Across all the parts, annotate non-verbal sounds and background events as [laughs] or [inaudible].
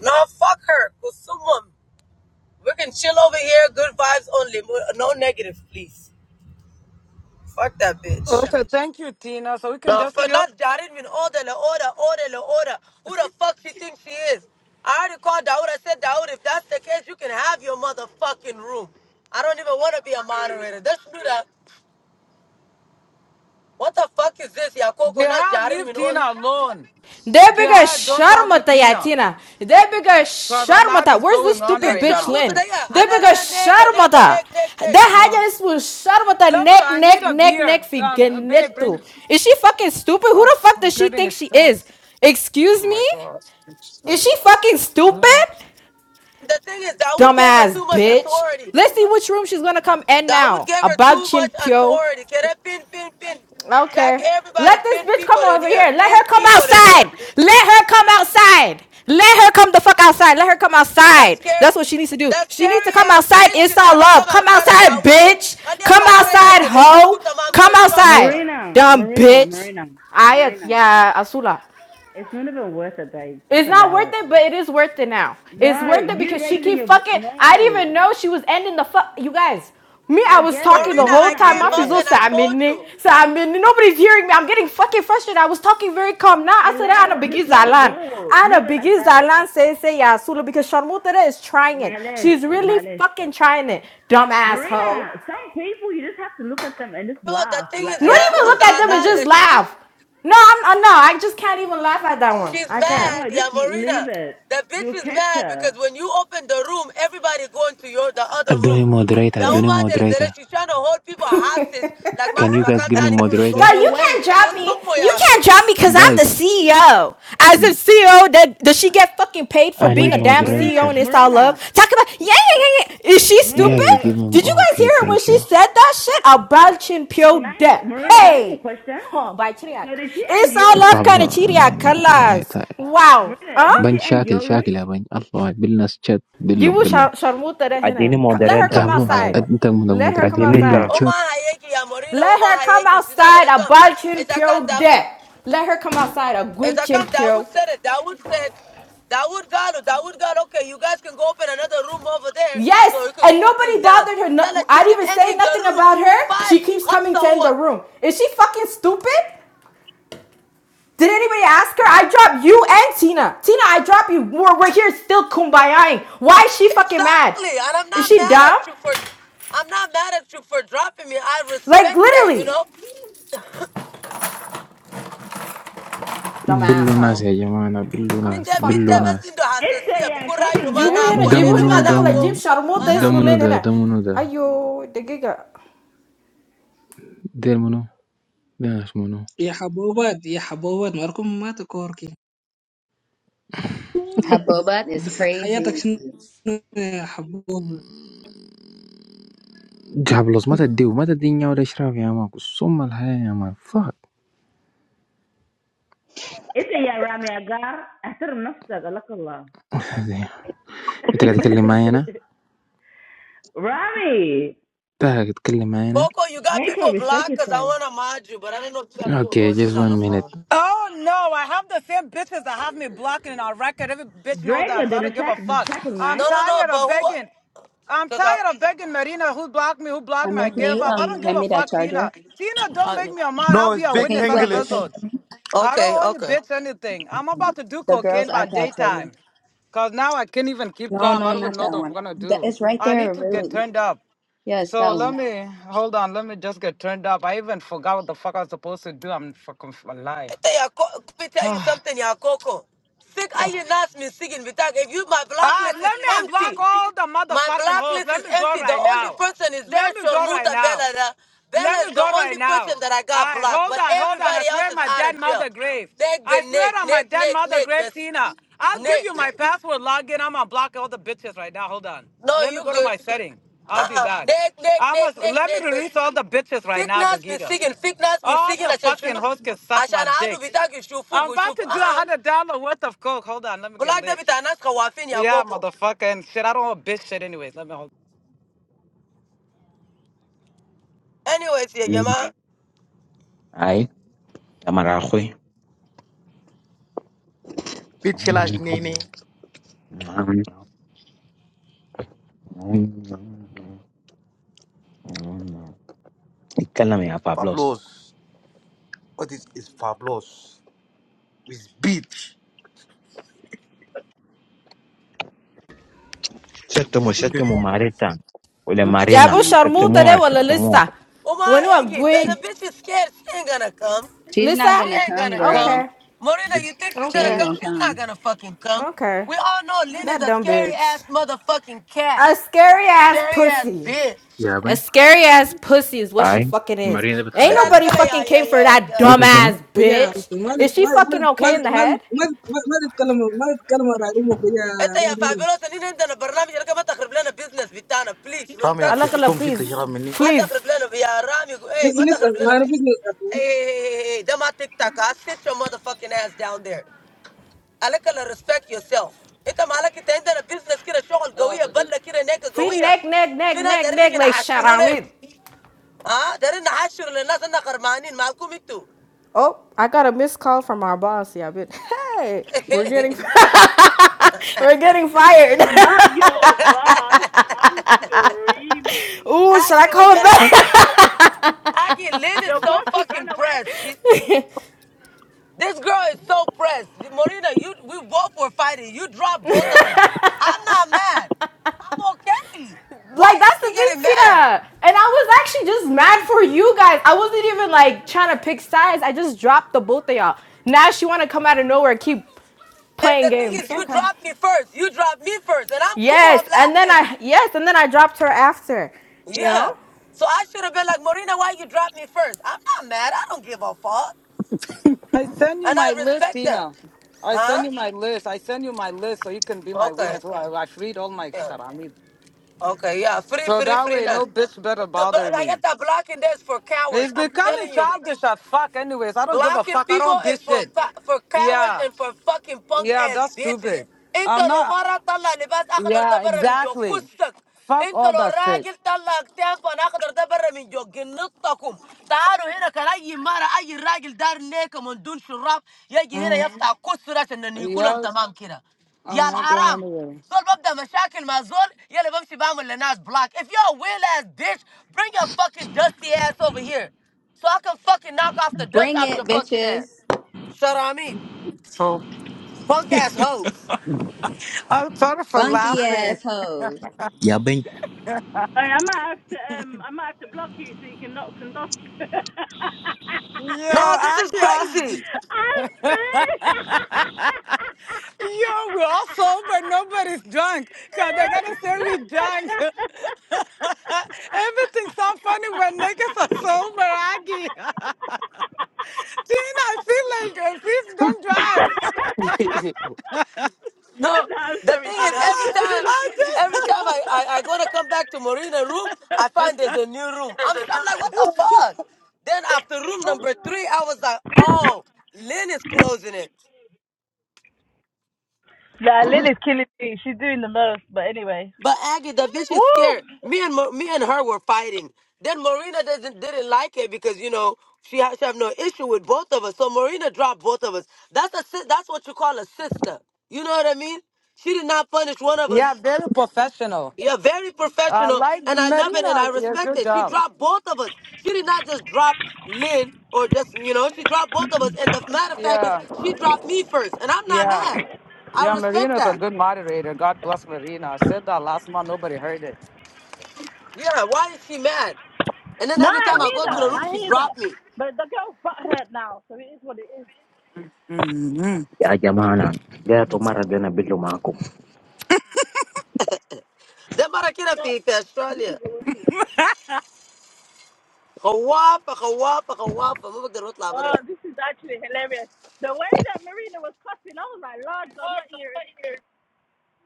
No, fuck her. Kusumum. We can chill over here. Good vibes only. No negative, please. Fuck that bitch. Okay, thank you, Tina. So we can No, just for chill. not Jared mean order, la order, order, la order. Who the fuck she thinks she is? I already called Dawood. I said, Dawood, if that's the case, you can have your motherfucking room. I don't even want to be a moderator. Let's do that. What the fuck is this? Ya Coco, not Jihad, Jared leave mean order. Tina alone. Debiga Jihad, don't talk to Sharmata Tina Yatina. Debiga because a lot Sharmata. is Where's this going on stupid right Lynch your bitch now. muta Lynn? there. Debiga Alele, neka, neka, Sharmata. nek, nek, nek. That Oh. haja is with Sharmata Let neck, I need neck, a neck, neck, beer. Um, babe, bring. figenetu. Is she fucking stupid? Who Oh, the fuck I'm does she getting a think she is? stress. Excuse Oh my me? God. Is she fucking stupid? The thing is, Dawood gave her Dumbass too much bitch. authority. Let's see which room she's gonna come in That would now. give her About too Chin much Pyo, authority. Can I pin, pin, pin? Jack, Okay. everybody, Let this pin bitch people come in over here. here. Let Pin her come people in here. outside. Let her come outside. Let her come the fuck outside. Let her come That outside. scary, That's what she needs to do. that She needs scary to come ass outside. bitch It's can all never love. come Come outside of outside, Dawood room. bitch. Khaniyat Come Labarina outside, said, hoe. "Nilikuta mam Come kina outside, sharmata." Marina, dumb Marina, bitch. Marina, I Marina. yeah, Asula. It's not even worth it, babe. Just It's not allow worth it. it, but it is worth it now. It's No, worth it you because she raising keep your vo- fucking. I didn't even no. know she was ending the fuck. You guys, me, I I was get talking it, the Marina, whole I Marina. I time. came My get up fizzle it. and said, I I'm in told it. you. So I'm in it. Nobody's hearing me. I'm getting fucking frustrated. I was talking very calm. Now I said, I'm Allow. Ana Just Biggie let it Zalan. go. Leave Ana it like Biggie that. Zalan say, say, yeah, Sula, because Sharmutada is trying it. Malish, She's really malish. fucking trying it. Dumbass Marina, hoe. some people you just have to look at them and just No, the laugh. thing Like is, Not yeah, allow even look it. Uza at Just them and leave Alan it. just Leshinu. laugh. No, I'm, i no, I just can't even laugh at that one. She's I can't. mad, No, yeah, just leave Marina. it. The bitch You'll is catch mad her. because when you open the room, everybody going to your the Uh, other Do room. a moderator, do a Yauma Derzere, moderator. she's trying to hold people hostage like Can Mafi you guys give me Makantani people to go moderator? God, So you to. can't wait, drop Or me. somewhere. You can't yako. drop me because I'm the Guys, CEO. As a CEO, that does she get fucking paid for I need being a wait, damn Marina, CEO moderator. and it's all love? Marina. Talk about yeah, yeah, yeah, yeah. Is she No, stupid? Guys, so give me Did you guys okay, hear her when thank she you. said that shit? About chin can pure I, death. Marina? Can I ask you a Hey, question? huh, by Chiriak. So did she end It's all your room? love kind of Pablo, لا، Chiriak نجيب جاي colors. تا- Wow. Myrna, did Huh? she بن end شاكل your room? شاكل يا بن الله واحد. بل ناس شات You بلهم will بلهم sharmuta that I in it. didn't Let her moderate. come جابلوس outside. I انت من Let her المودريتر come didn't بلهم serve. outside. Oma شات Hayeki, yeah, Marina, Let Oma her come Hayeki, she's not outside gonna a come. Balchin As I can't Pure debt. Let her come outside a as I gwinchin can't Dawood Pure. said it. Dawood said Dawood Galo, Dawood Galo, okay, you guys can go open another room over there so Yes, you can and cool things nobody down. bothered her. Yeah, No, like she I keep didn't even say ending the nothing room. about her. Five, She keeps comes coming to to end the room. Is she fucking stupid? Did anybody ask her? I dropped you and Tina. Tina, I dropped you. We're, we're here still kumbayaing. Why is she fucking mad? Exactly. And I'm Is not she mad dumb? at you for I'm not mad at you for dropping me. I Like respect that, you literally, know. dumb بلو ناس asshole. يا جماعة أنا بلو Got me ناس Bidda- fucked بلو bidda up. basi ناس ndo It's a hasasiya, yeah, buku raglu fucking ma Jibu na hina, ako jibu Draco. lela, دمنو hina, like mana like jib ako, دمنو sharmo mana tes دمنو ako. mulin ده hina. دمنو ده Ayo, the giga. دير منو ده ناس منو يا حبوبات يا حبوبات مالكم ما تكوركي Her boba is قصة حياتك crazy. شنو يا حبوب جابلوس ما تديو ما تدي نيا ولا اشراف يا ماكو ثم الحياة يا مان It's a yeah, Rami Aga. احترم نفسك لك الله. انت قاعد تتكلم معايا انا [laughs] Rami, انت قاعد تتكلم معايا انا Coco, you got Draco, people respect blocked because I yourself. want to mod you, but I don't know if you got people. اوكي Oh, she's جيز on وان the مينيت phone. Oh no, I have the same bitches that have me blocking in our record. Every bitch know that, Draco, so did I the don't give a shack did the fuck. shack is I'm mine? No, no, no, tired of but who? begging. I'm Because tired of begging Marina who blocked me, who blocked me. I Amir, can give you up. I um don't give hand a me that fuck, Tina. charger? Tina, don't I, make I. me a mod. I'll No, be it's a Or big can you witness on a plug the, English. billboard. I don't Okay, owe any okay. bitch anything. I'm about to do the girl's cocaine by iPad charger? daytime. Cause now I can't even keep No, calm. I no, don't even not know that what I'm one. gonna That, do. it's right I need there. to get Really? turned up. Yes, So that let one. me hold on. Let me just get turned up. I even forgot what the fuck I was supposed to do. I'm fucking f- a lie. I tell you, Co- let me tell you Ah, something, y'all, Coco. Sick, I you not me singing. If you, my block ah, list is let me unblock empty. all the My motherfucking hoes. blacklist Let is me go empty. The right only now. person is there, Let me go right Shormuta Bella. now. The- Bella Let is me go the right only person now. that I All got right, blocked, hold but on, hold on. I everybody swear else on is my out dead of jail. mother grave. Nick, I been swear Nick, on my Nick, dead Nick, mother Nick, grave, but Tina. I'll give Nick. you my password login. I'm gonna block all the bitches right now. Hold on. No, Let me you go to good. my setting. I'll be Uh-uh. back. Nick, Nick, I must Nick, Nick, let me Nick, but release all the bitches right now, Fitness me Dagiga. singing, fitness me All singing. the I said, fucking Shunu. hoes can suck I said, my "Nah, I do dick. bitaki shufu, I'm about shufu. to do a Uh-uh. hundred dollar worth of coke. Hold on, let me get Black lit. David Anaska Wafin Yeah, Yakoko. motherfucker, and shit. I don't want bitch shit anyways. Let me hold. Anyways, yeah, Jama. Aye. The maraco. Bitchilash Nini. I can't name a Pablo. Pablos. What is is Pablos? It's beach. Setomo, Setomo, Marita. Ole I'm. Jabu Marina. Sharmuta Setomo, de wala Setomo. lista. Uma When you are Iggy, the, good, the bitch is scared. She ain't gonna come. She's not Lisa? She gonna ain't come, gonna come. girl. Okay, Morena, you think she's She gonna ain't okay, come? gonna She's not come. gonna fucking come. okay. We all know Lynn is That a dumb scary bitch. ass motherfucking cat. A scary ass Scary ass pussy. bitch. يا A بي scary ass pussy is what she Aye. fucking is. مارينا بنت Ain't ترى خالتي ده لك nobody لا يا fucking يا came for يا that يا Go dumb to show no. ass ويا عرفت bitch. ما ما Is she ما fucking ما okay in the ما head? ما ما تتكلم ما تتكلم على امك ويا انت يا راموي فابيلوس اللي عندنا برنامج لك ما تخرب لنا بزنس بتاعنا بليز Rami ya ريسبكتلي Alakala, kusum shil please, tashira mini. ما please. تخرب لنا يا رامي اي ما بزنس تخرب لنا ما انا بزنس بزنس Hey, hey, hey, hey, hey, that my TikTok. I sit your motherfucking ass down there. عليك الا respect yourself انت مالك انت عندنا business كده شغل قويه بله كده نيكه Feet قويه neck, neck, neck, في ناس neck, دارين neck, نيجي like نحشروا لهم sharamit. ها دارين نحشروا للناس اننا خرمانين مالكم انتوا Oh, I got a missed call from our boss. Yeah, but [laughs] hey, we're getting [laughs] [laughs] we're getting fired. [laughs] Not your boss. I'm screaming. ooh, should I Aggie, we call him get it. back? Nah. Aggie, Lynn is Your so boss who ran fucking away? pressed. She, [laughs] this girl is so pressed. Marina, you we both were fighting. You dropped both of us. I'm not mad. I'm okay. Why like is that's the she thing, getting mad? Tina. And I was actually just mad for you guys. I wasn't even like trying to pick sides. I just dropped the both of y'all. Now she wanna come out of nowhere, and keep And playing the thing is, games. you Okay. dropped me first. You dropped me first, and I'm cool. I'm Yes, and then laughing. I yes, and then I dropped her after. You Yeah. know? So I should have been like, Marina, why you dropped me first? I'm not mad. I don't give a fuck. I send you And my I list, respect that. Tina. I send Huh? you my list. I send you my list so you can be my Okay. witness. Well, I, I read all my shit. Yeah. I mean, Okay, yeah. Free, so free, that free. way no nuts. bitch better The- but bother Like, I got me. that blocking desk for It's cowards. I'm becoming telling you. childish as fuck. Anyways, I don't give a Locking fuck. I people don't is bitch for shit. fa- for cowards Yeah, and for fucking punk yeah, ass that's ditches. stupid. Inka I'm lo not. mara tala ne vas aqadar Yeah, dabarami jo exactly. kustak. Fuck Inka all lo that shit. ragil tala tehan pan aqadar dabarami jo ginatakum. Taaro hina karai mara aji ragil dar nek mandul shuraf yajira hmm yasta kustura chanda nikulam Yes, tamam kira. I'm Yal not going haram anywhere. zol baba mashaqil mazol yale bamsi bamo li nas block. If you're a weird ass bitch, bring your fucking dusty ass over here. So I can fucking knock off the dust off [laughs] your fucking Bitches, ass. Shut on me. So Punk ass hoes. I'm sorry for funky laughing. assholes. Hey, I might have to um I might have to block you so you can knock some dust. [laughs] Yo, No, this is Akia, crazy. I'm [laughs] yo, we're all sober. Nobody's drunk. Cause they gotta say we drunk. [laughs] Everything's so funny when niggas are sober, Aggie. [laughs] screaming. Tina, I feel like uh, please don't drive. [laughs] [laughs] [laughs] no, No, I'm the sorry, thing is Gina. [laughs] every Ah, that time was I fucking every funny. time I, just- I, I gonna come back to Marina room, I find there's a new room. I'm I'm like, what the fuck? Then after room number three, I was like, oh, Lynn is closing it. Nah, Lily's killing me. She's doing the most. But anyway. But Aggie, the bitch Woo! is scared. Me and Mo- me and her were fighting. Then Marina doesn't didn't like it because you know she ha- she have no issue with both of us. So Marina dropped both of us. That's a si- that's what you call a sister. You know what I mean? She did not punish one [laughs] of us. yeah, very professional. Yeah, very Uh, professional, like and I love it and Marina, I yes, respect good it. She job. dropped both of us. She did not just drop Lynn or just you know she dropped both of us. And the matter of fact is Yeah, she dropped me first, and I'm not yeah, mad. I yeah. respect Marina's a that. good moderator. God bless Marina. I said that last month. Nobody heard it. Yeah, why is she mad? And then No, every I time Well, I hear go all to the that. right. I room, she hear that. drop me. But the girl's butt hurt now, so it is what it is. The agama. Get a tomato then a bit of mango. Then I cannot So, fit in this Australia. is awesome. I walk, I walk, I walk, I walk. They're not Oh, labour. this is actually hilarious. The way that Marina was cussing, I was like, Lord God, my ears.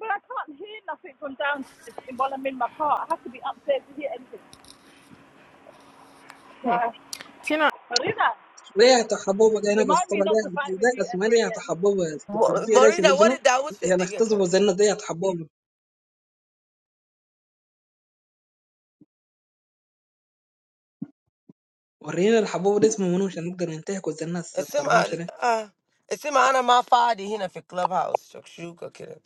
But I can't hear nothing from downstairs while I'm in my car. I have to be upstairs to hear anything. So, Tina, Marina, لا يا حبوبة انا بس remind طبعا me not to ده fight ده with you اسمها ever يا again. حبوبة الكرسي ليش Marina, what نجنو did that woman say? يا They get نختزف killed. وزنا ده يا حبوبة ورينا الحبوبة ده اسمه منو عشان نقدر ننتهك وزنا It's الطرموشة ده my, it's my honour, my father. He not fit clubhouse. Chuck shoot, get killed.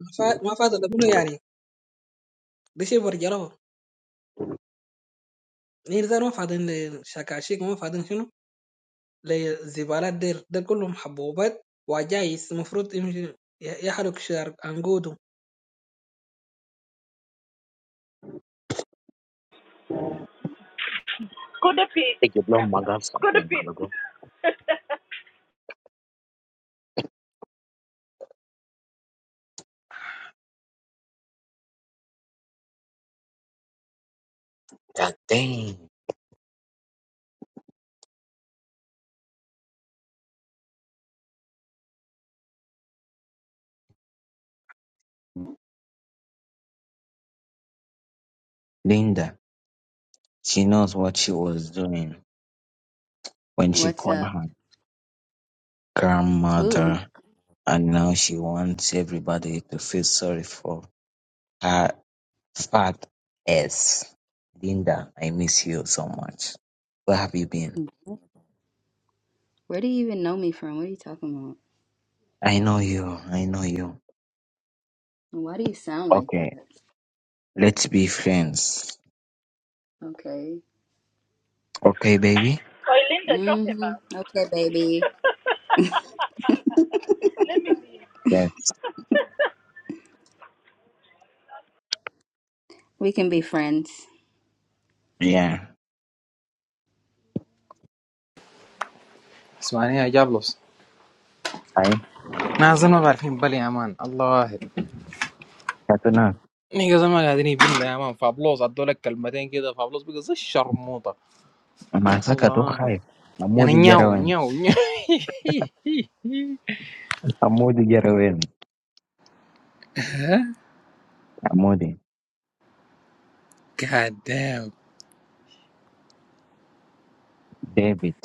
ما فا- ما فاضل منو يعني ده شيء برجره يعني زي ما فاضلين للشكاشيك ما فاضلين شنو للزبالات ديل، ديل كلهم حبوبات وعجايز المفروض يمشي يحرق شجر عنقود Good defeat. Take your blunt magam Good something. My defeat. logo. [laughs] Damn. Linda. She knows what she was doing when she What's called up? her Who? grandmother. And now she wants everybody to feel sorry for her fat ass. Linda, I miss you so much. Where have you been? Where do you even know me from? What are you talking about? I know you. I know you. And Why do you sound like that? Okay, let's be friends. Okay. Okay, baby? Oh, Linda, drop him Mm-hmm. Okay, baby. out. [laughs] Let me leave. Yes. [laughs] We can be friends. Yeah. اسمعني يا جابلوس Hi, نازل ما بعرفين بل يا مان الله واحد Katuna. نيجا زي ما قاعدين يبين يا مان فابلوس ادوا لك كلمتين كده فابلوس بقى زي الشرموطه Masaka to الله واحد hi. يعني Amodi نياو Yarawen. نياو نياو Amodi Yarawen. Amodi. God damn David.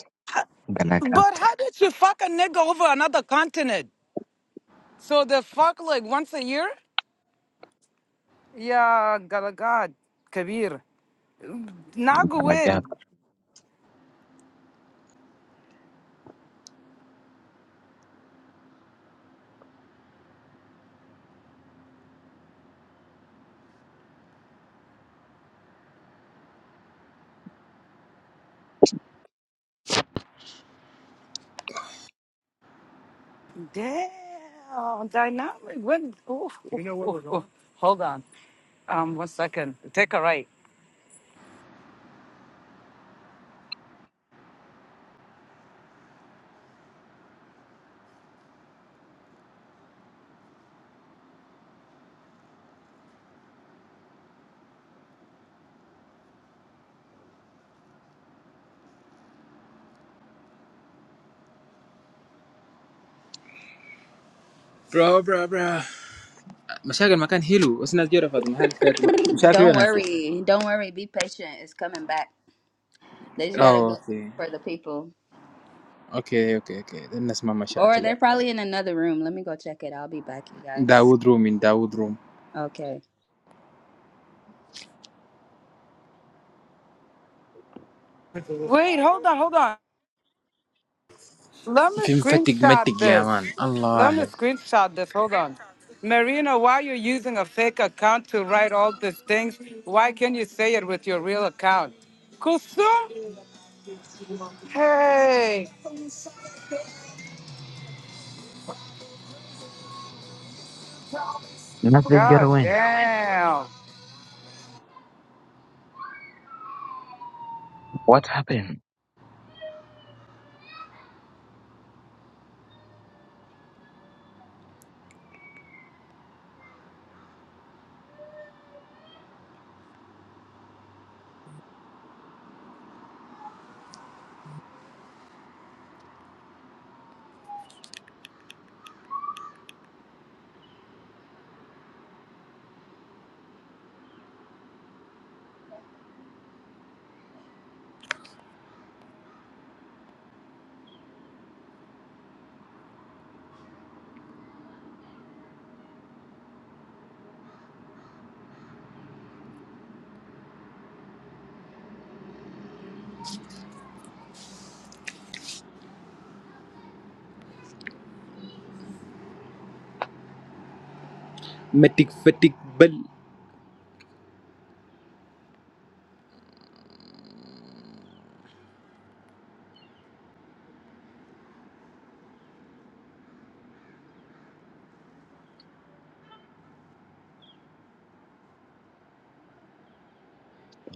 Galagat. But how did you fuck a nigga over another continent? So they fuck like once a year? Yeah, Galagad, Kabir. Nagu Galagat. win. Damn, dynamic win. Ooh, You know where we're going? Hold on. Um, one second. Take a right. برو برو برو مشاكل ما كان حلو بس الناس جرفت محل فات مشاكل Don't ولا نسيت worry. Don't worry. Be patient. It's coming back. They just gotta اوه go اوكي for the people. اوكي اوكي اوكي الناس ما Or they're مشاكل probably in another room. Let me go check it. I'll be back, you guys. داوود رومي داوود room Okay. Wait, hold on, hold on. Let me في مفتق screenshot متق يا مان this. Let me الله screenshot this. Hold on. Marina, why you using a fake account to write all these things? Why can't you say it with your real account? Kusum Hey, Nasa god Yarawen. damn. What happened? متق فتق بل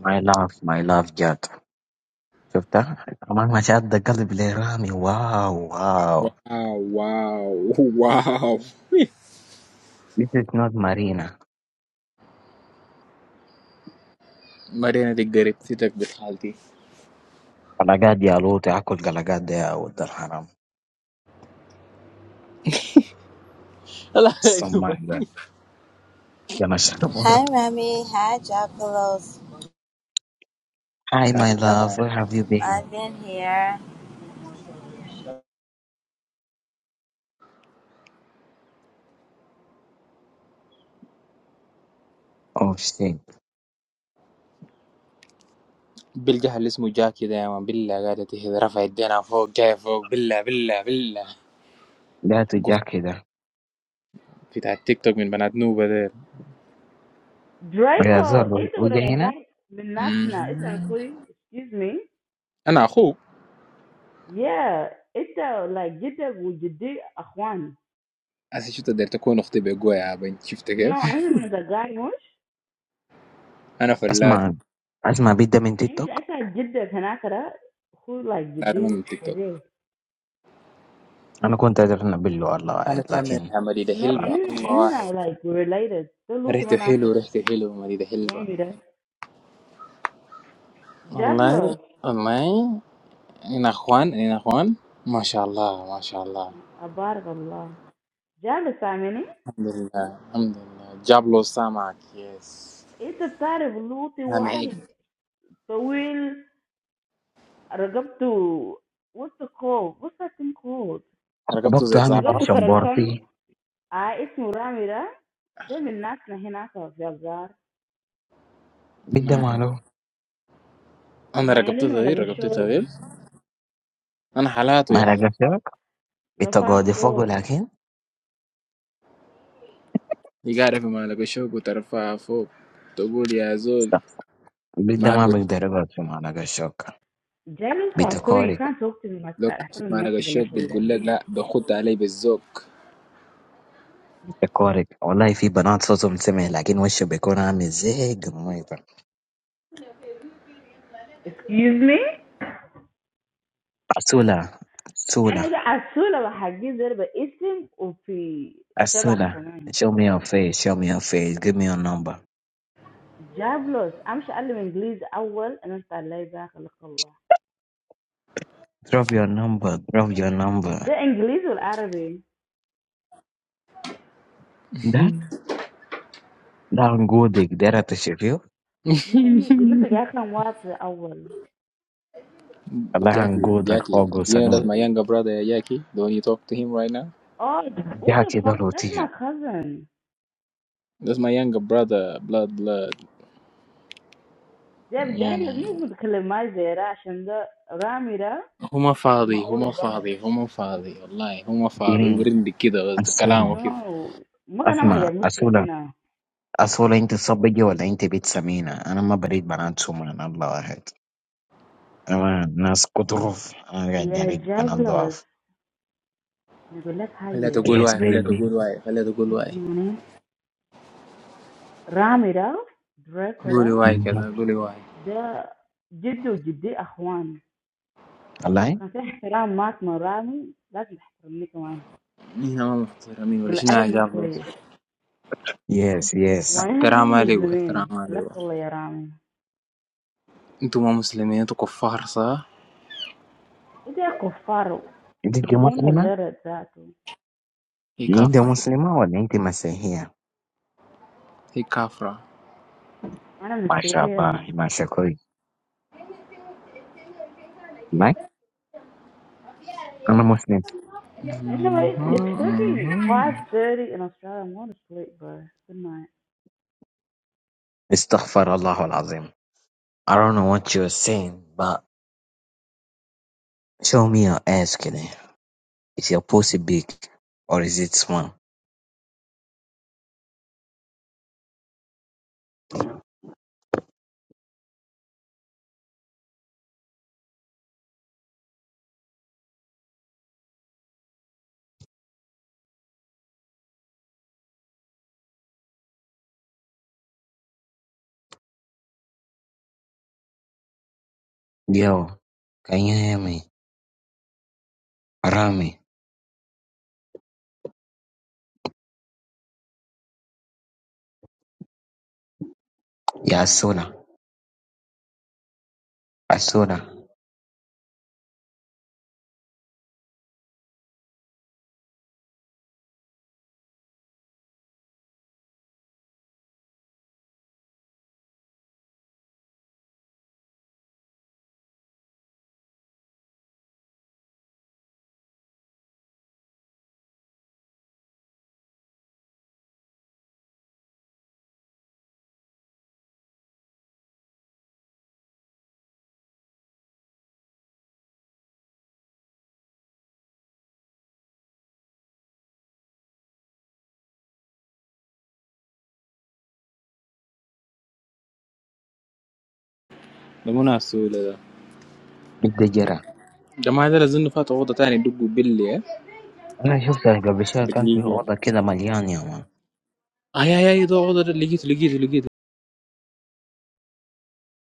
My love, my love, Jack. شفتها كمان مشات قلب لي رامي. واو واو واو واو واو This is not Marina. مرينا دي قريبتك بحالتي قلقات يا لوط، اكل قلقات ده يا ولد الحرام. لا الصماك يا ده يا مشروب. Hi Remy, hi Jaculos. Hi my love, where have you been? I've been here. Oh shit! بالجه اللي اسمه جاكي ده يا مان بالله قاعدة تهد رفع يدينا فوق جاي فوق بالله بالله بالله There's a قلت jacket. بتاع التيك توك من بنات نوبة ده Oh yeah, Draco, Zolo, it's a what I Ojehina. got من مم. It's a sweet, excuse me. انا اخوك Yeah, it's a like Get that. Would you جدا وجدي اخوان. هسه شفت قدرت تكون اختي بقوة يا بنت شفت No, I كيف didn't mean the guy much. انا Asma, فلات Asma, bidda min Any, TikTok. I said, did that happen to that? Who like you انا ما did من تيك for توك real? I no kon ta drna billu Allah انا waheed, كامل عملي ده No, I but. هلبة mean, الله I mean, واحد I like related. The loot ريحته when I said, حلو ريحته حلو مدينة when حلوة did that? والله Jablos, والله أنا أخوان أنا أخوان ما شاء الله ما شاء الله abar the Allah. Jabus, I mean, الحمد لله الحمد لله جاب له سامعك يس it's a terrible loot. سامعك One, so we'll. We got to what's the call? What's that thing called? رقبته Baktu زي We hamiz got to زعاف shabbarti. Karankan. Ah, it's Muramira. Some of the people here are very bad. Bidda ma نعم lo. أنا Malay رقبتي طويل Malay رقبتي show. طويل أنا حالاته يا زول Maragashok. Ita godi fagol, Rafaqo. يقارف ما لقى شوك وترفعها فوق تقول يا زول but. Bidda ما ma بي- bigderba tu maragashok. Be Jailous, boy, you takarig, can't talk to me like لو that. كان I في ما don't know لقى what you're الشوك talking بتقول لك about. لا بخد علي بالذوق be takarig. Allah is fi banana sozom semeh, laakin wesho be kona mizig moither. Excuse me? Asola, asola, I'm just asking about a few things, but it's in Arabic, asola. too. Show me your face, show me your face. Give me your number, Jablos, I'm speaking English first, and then I'll say Arabic. drop your number, drop your number. The English and Arabic? That, that goodik. Derat shafio. Yeah, you [laughs] don't speak Arabic first. Allah an Jackie, goodak, Jackie, all do you know that's goodanun. my younger brother, Jackie? The one you talk to him right now? Oh, what Jaha the keda fuck? That's rotiya. my cousin. That's my younger brother, blood, blood. Jab Jablos, يعني you don't speak Arabic. Why? Because Ramira هو ما is my فاضي هو older ما brother. فاضي هو ما فاضي والله هو ما فاضي In وبرندك كده بس كلامه asola, كده No, what are we ها، talking asma, about? Muslims asola, here? asola. Inte sabbe jawa lainte bit semina. Ana ma braid banana soman. Allah waheed. Naskuturov. Okay, Yeah, Derek Jaguars. Panadov. You go look at خليها تقول Yes, him. واي خليها baby. تقول واي خليها تقول His واي name is Ramirez, قولي Dracula. واي Mhm. كذا قولي واي The jido, jido, ahwan. Allah? So we have to respect Matt, but Rami, we have to respect him هنا ما محترمين too. ولا The شنو يا Arab is جابلوس good. Yes, We yes. are not احترام لي احترام Muslims. Allah لي Allah, Rami. انتوا ما مسلمين انتوا كفار صح These are cowards. Did You you don't Muslima? learn that. I'm هي You're كافرة Muslima or did you Masihia? هي كافرة not MashaAllah, sleeping. MashaAllah. Like? I'm a Muslim. Anyway, مهم، it's fucking مهم. 5:30 in Australia. I want to sleep, bro. Good night. Astaghfirullah al-Azim. I don't know what you're saying, but show me your ass, kidding. Is your pussy big or is it small? Yo, can you hear me? Rami, ya Asuna, Asuna, ده منى السؤال ده big الجماعة دول أظن فاتوا أوضة تاني دقوا بلي ها؟ أنا شفت على قبل شوية كان في دقيقة أوضة كده مليان يا مان آه يا يا ده أوضة ده لقيته لقيته لقيته